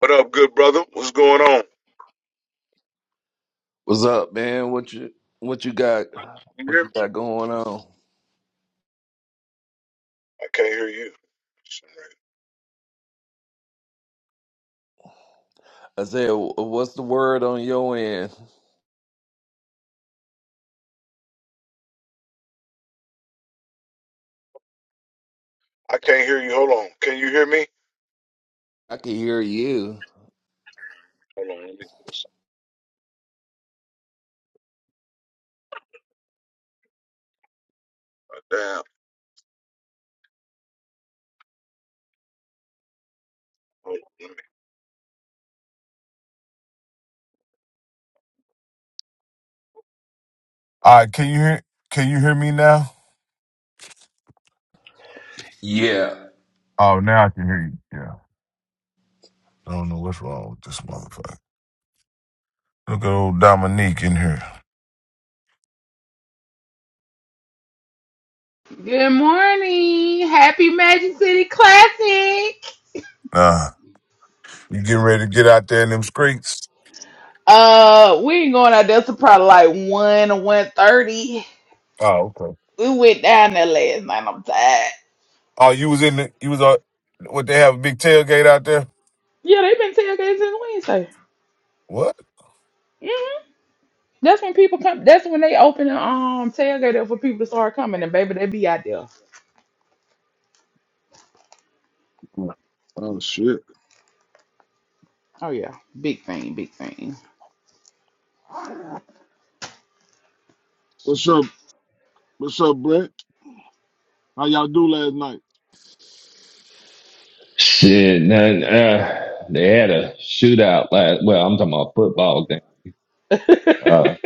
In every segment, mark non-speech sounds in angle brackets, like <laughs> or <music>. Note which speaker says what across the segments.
Speaker 1: What up, good brother? What's going on?
Speaker 2: What's up, man? What you what you got?
Speaker 1: You
Speaker 2: What
Speaker 1: hear
Speaker 2: you
Speaker 1: me?
Speaker 2: got going on?
Speaker 1: I can't hear you. Shit, man.
Speaker 2: Isaiah, wh- what's the word on your end?
Speaker 1: I can't hear you. Hold on. Can you hear me?
Speaker 2: I can hear you.
Speaker 1: Hold on. Let me put something down. Hold on. Let me. I
Speaker 2: Yeah.
Speaker 1: oh now I can hear you. Yeah. I don't know what's wrong with this motherfucker. Look at old Dominique in here.
Speaker 3: Good morning. Happy Magic City Classic.
Speaker 1: Nah. You getting ready to get out there in them streets?
Speaker 3: Uh, we ain't going out there till probably like 1 or 1.30.
Speaker 1: Oh, okay.
Speaker 3: We went down there last night. I'm tired.
Speaker 1: Oh, you was in the you was on. what they have a big tailgate out there?
Speaker 3: Yeah, they've been tailgating since Wednesday.
Speaker 1: What?
Speaker 3: hmm That's when people come. That's when they open the um, tailgate up for people to start coming. And baby, they be out there.
Speaker 1: Oh oh, shit.
Speaker 3: Oh, yeah. Big thing. Big thing.
Speaker 1: What's up? What's up, Brett? How y'all do last night?
Speaker 2: Shit, man. Uh, they had a shootout last. Well, I'm talking about football game.
Speaker 3: <laughs>
Speaker 2: Uh,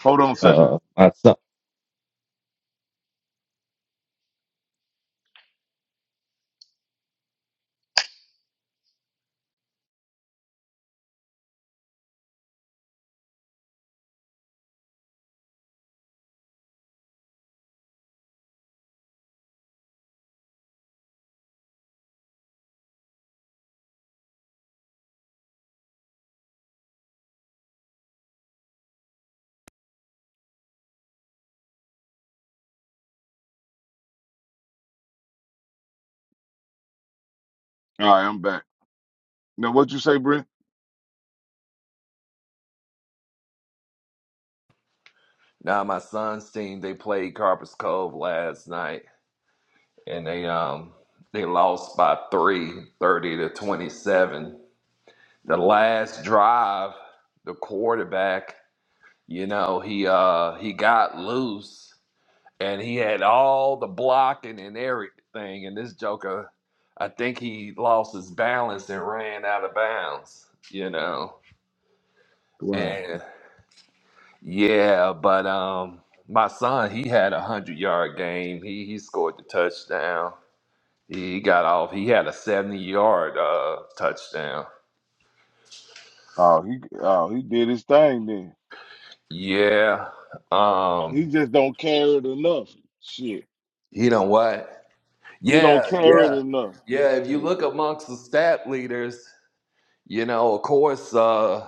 Speaker 1: Hold on a second.
Speaker 2: uh, my son.
Speaker 1: All right, I'm back. Now, what you say, Brent?
Speaker 2: Now my son's team they played Carpus Cove last night and they um they lost by three, thirty to twenty seven. The last drive, the quarterback You know, he uh he got loose and he had all the blocking and everything, and this Joker, I think he lost his balance and ran out of bounds, you know.
Speaker 1: Wow.
Speaker 2: And yeah, but um my son, he had a hundred yard game. He he scored the touchdown. He got off. He had a seventy yard uh touchdown.
Speaker 1: Oh, he oh he did his thing then.
Speaker 2: Yeah.
Speaker 1: He
Speaker 2: Um
Speaker 1: just don't care it enough. Shit,
Speaker 2: you know what?
Speaker 1: he
Speaker 2: Yeah,
Speaker 1: don't care it
Speaker 2: yeah,
Speaker 1: enough.
Speaker 2: yeah. If you
Speaker 1: Yeah,
Speaker 2: look amongst the stat leaders, you know, of course, uh,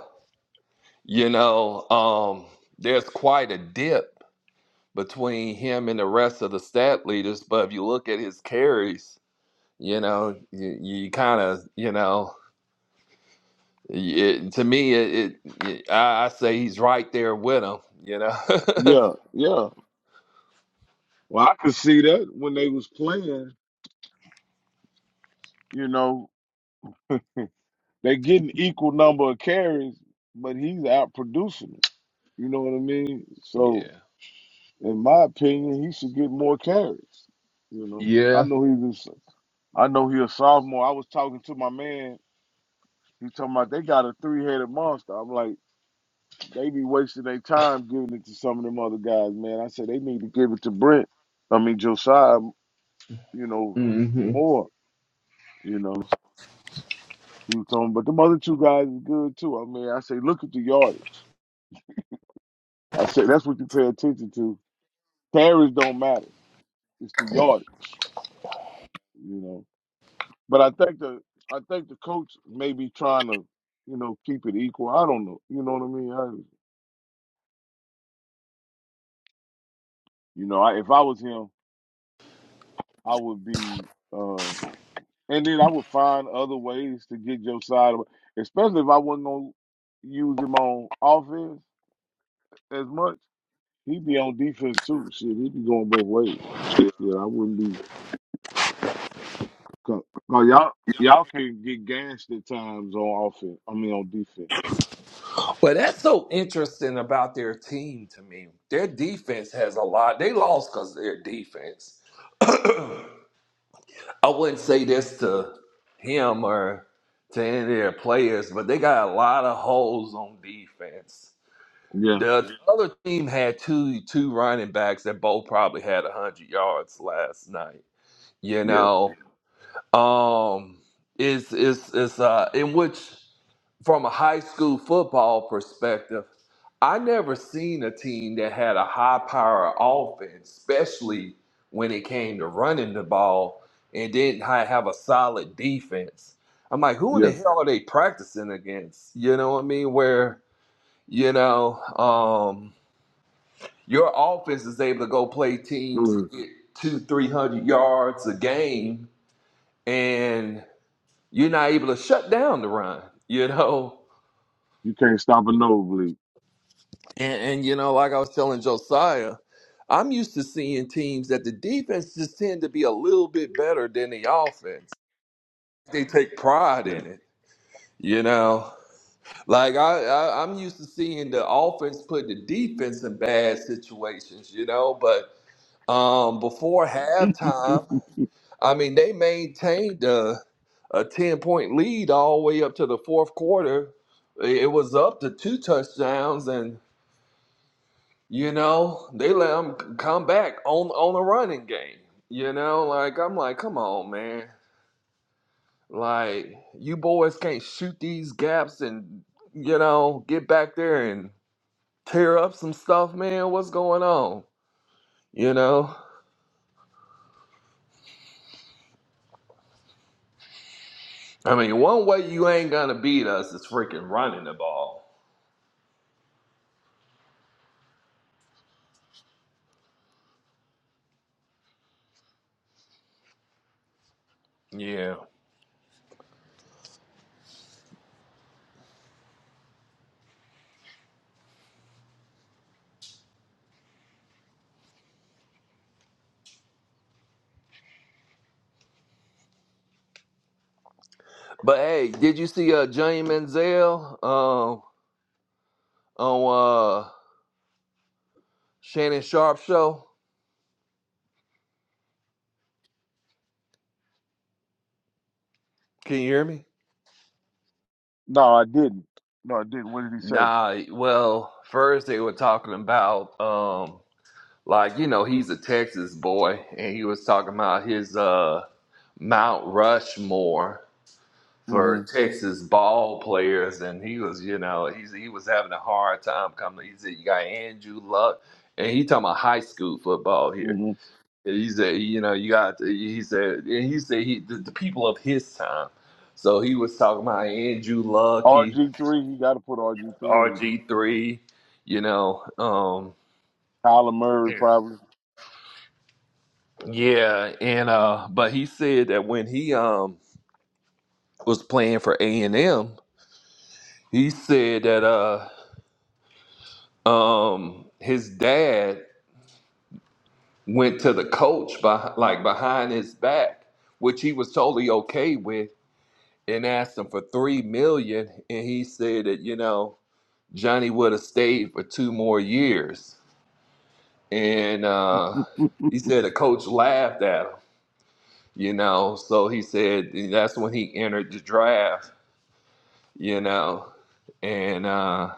Speaker 2: you know, um, there's quite a dip between him and the rest of the stat leaders. But if you look at his carries, you know, you, you kind of, you know, it, to me, it, it I, I say he's right there with him. You know. <laughs>
Speaker 1: yeah. yeah. Well, I could see that when they was playing. You know, <laughs> they getting equal number of carries, but he's out producing them. You know what I mean? So,
Speaker 2: yeah.
Speaker 1: in my opinion, he should get more carries. You know, I
Speaker 2: Yeah.
Speaker 1: know he was. I know he a sophomore. I was talking to my man. He talking about they got a three headed monster. I'm like, they be wasting their time giving it to some of them other guys, man. I said they need to give it to Brent. I mean Josiah, you know, more. You know, he was talking, but them other two guys is good too. I mean, I say look at the yardage. I say that's what you pay attention to. Carries don't matter. It's the yardage, you know. But I think the I think the coach may be trying to, you know, keep it equal. I don't know. You know what I mean? You know, I, if I was him, I would be, uh, and then I would find other ways to get your side, of, especially if I wasn't gonna use him on offense as much. He'd be on defense too. Shit, he'd be going both ways. Shit, I wouldn't be. because you 'cause y'all, y'all can get gassed at times on offense. I mean, on defense.
Speaker 2: Well, that's so interesting about their team to me. Their defense has a lot. They lost because of their defense. <clears throat> I wouldn't say this to him or to any of their players, but they got a lot of holes on defense.
Speaker 1: Yeah,
Speaker 2: The other team had two two running backs that both probably had hundred yards last night. You
Speaker 1: yeah,
Speaker 2: know, um, it's it's it's uh, in which from a high school football perspective, I never seen a team that had a high power offense, especially when it came to running the ball and didn't ha- have a solid defense. I'm like, who in the
Speaker 1: yeah.
Speaker 2: hell are they practicing against? You know what I mean? Where, you know, um, your offense is able to go play teams and
Speaker 1: Mhm.
Speaker 2: get two, 300 yards a game, and you're not able to shut down the run, you know?
Speaker 1: You can't stop a nosebleed.
Speaker 2: And, and you know, like I was telling Josiah, I'm used to seeing teams that the defense just tend to be a little bit better than the offense. They take pride
Speaker 1: Yeah.
Speaker 2: in it, you know. Like I, I I'm used to seeing the offense put the defense in bad situations, you know. But um, before halftime, I mean, they maintained a, a ten point lead all the way up to the fourth quarter. It it was up to two touchdowns, You know, they let them come back on on the running game. You know, like I'm like, come on, man. Like you boys can't shoot these gaps and you know get back there and tear up some stuff, man. What's going on? You know, I mean, one way you ain't gonna beat us is freaking running the ball. Yeah. But hey, did you see uh Johnny Manziel um on uh Shannon Sharp show? Can you hear me?
Speaker 1: No, I didn't. No, I didn't. What did he say?
Speaker 2: Nah, well, first they were talking about um like, you know, he's a Texas boy and he was talking about his uh Mount Rushmore
Speaker 1: hmm
Speaker 2: for Texas ball players and he was, you know, he's he was having a hard time coming. He said you got Andrew Luck and he talking about high school football here.
Speaker 1: hmm
Speaker 2: And he said, you know, you got he said and he said he the, the people of his time. So he was talking about Andrew Luck. He
Speaker 1: RG3, you got to put RG3 in.
Speaker 2: RG3, you know. Um,
Speaker 1: Kyler Murray,
Speaker 2: Yeah.
Speaker 1: probably.
Speaker 2: yeah, and uh, but he said that when he um was playing for A and M, he said that uh um his dad went to the coach by like behind his back, which he was totally okay with, and asked him for three million, and he said that you know Johnny would have stayed for two more years, and uh
Speaker 1: <laughs>
Speaker 2: he said the coach laughed at him you know. So he said that's when he entered the draft, you know, and uh,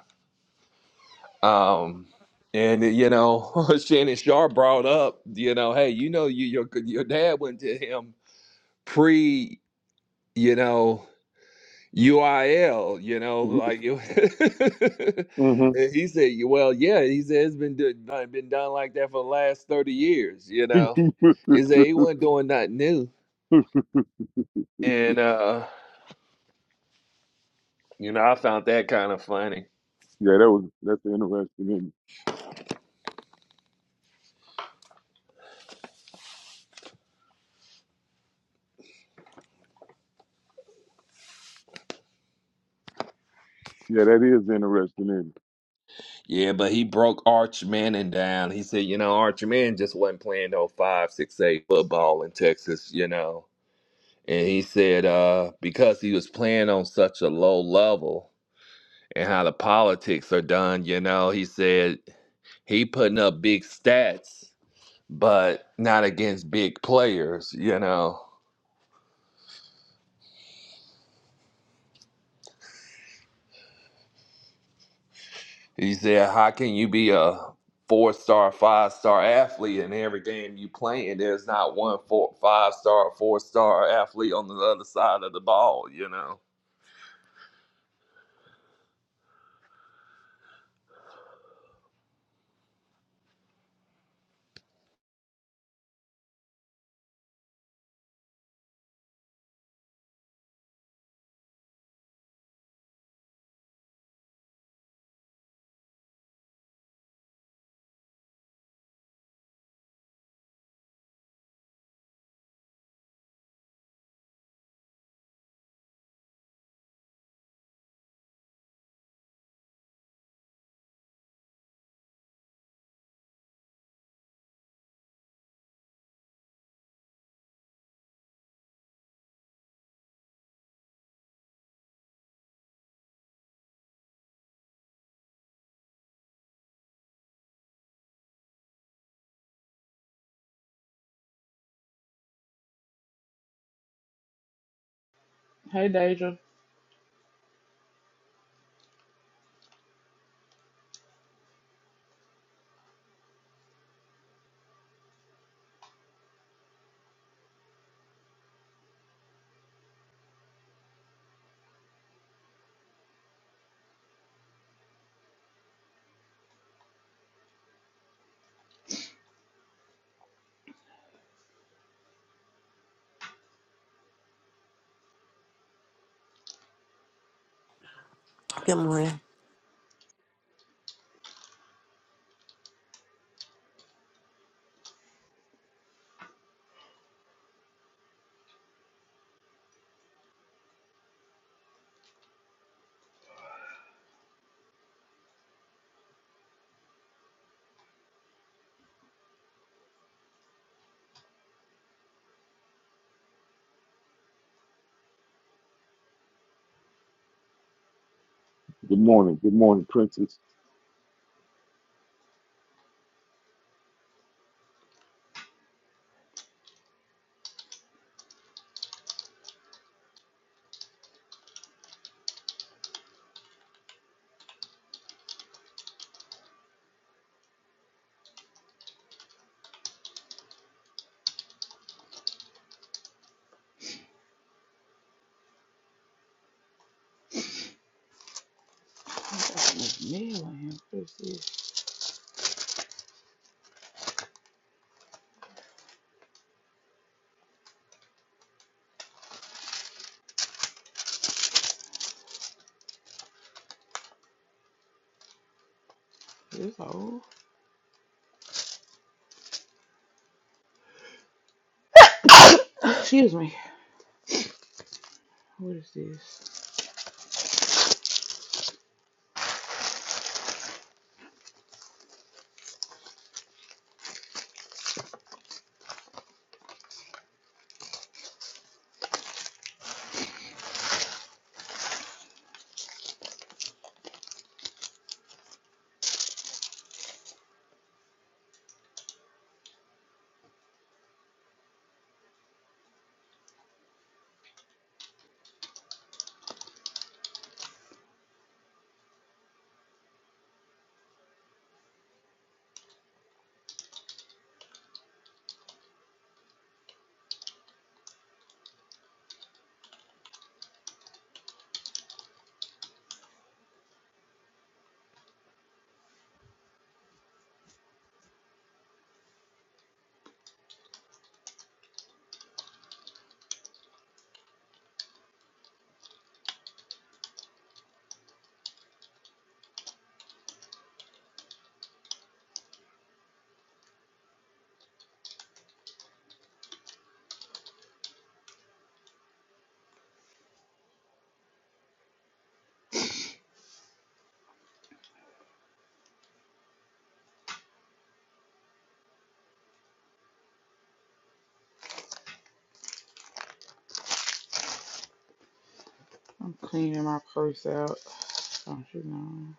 Speaker 2: um, and you know, <laughs> Shannon Sharp brought up, you know, hey, you know, you, your your dad went to him pre, you know, UIL, you know, like you. <laughs>
Speaker 1: hmm
Speaker 2: And he said, "Well, yeah." He said it's been do- done- been done like that for the last thirty years. You
Speaker 1: <laughs> yeah,
Speaker 2: know, he said he wasn't doing nothing new, and uh, you know, I found that kind of funny
Speaker 1: that was that's interesting. In yeah, that is interesting. In
Speaker 2: Yeah, but he broke Arch Manning down. He said, you know, Arch Manning just wasn't playing no five, six, eight football in Texas, you know. And he said, uh, because he was playing on such a low level and how the politics are done, you know, he said he putting up big stats, but not against big players, you know. He said, "How can you be a four-star, five-star athlete in every game you play, and There's not one four, five-star, four-star athlete on the other side of the ball, you know."
Speaker 3: hey, Deja.
Speaker 4: Good morning.
Speaker 1: good morning, good morning, Princess.
Speaker 3: What is this? This old. <laughs> Excuse me. What is this? I'm cleaning my purse out. Don't know?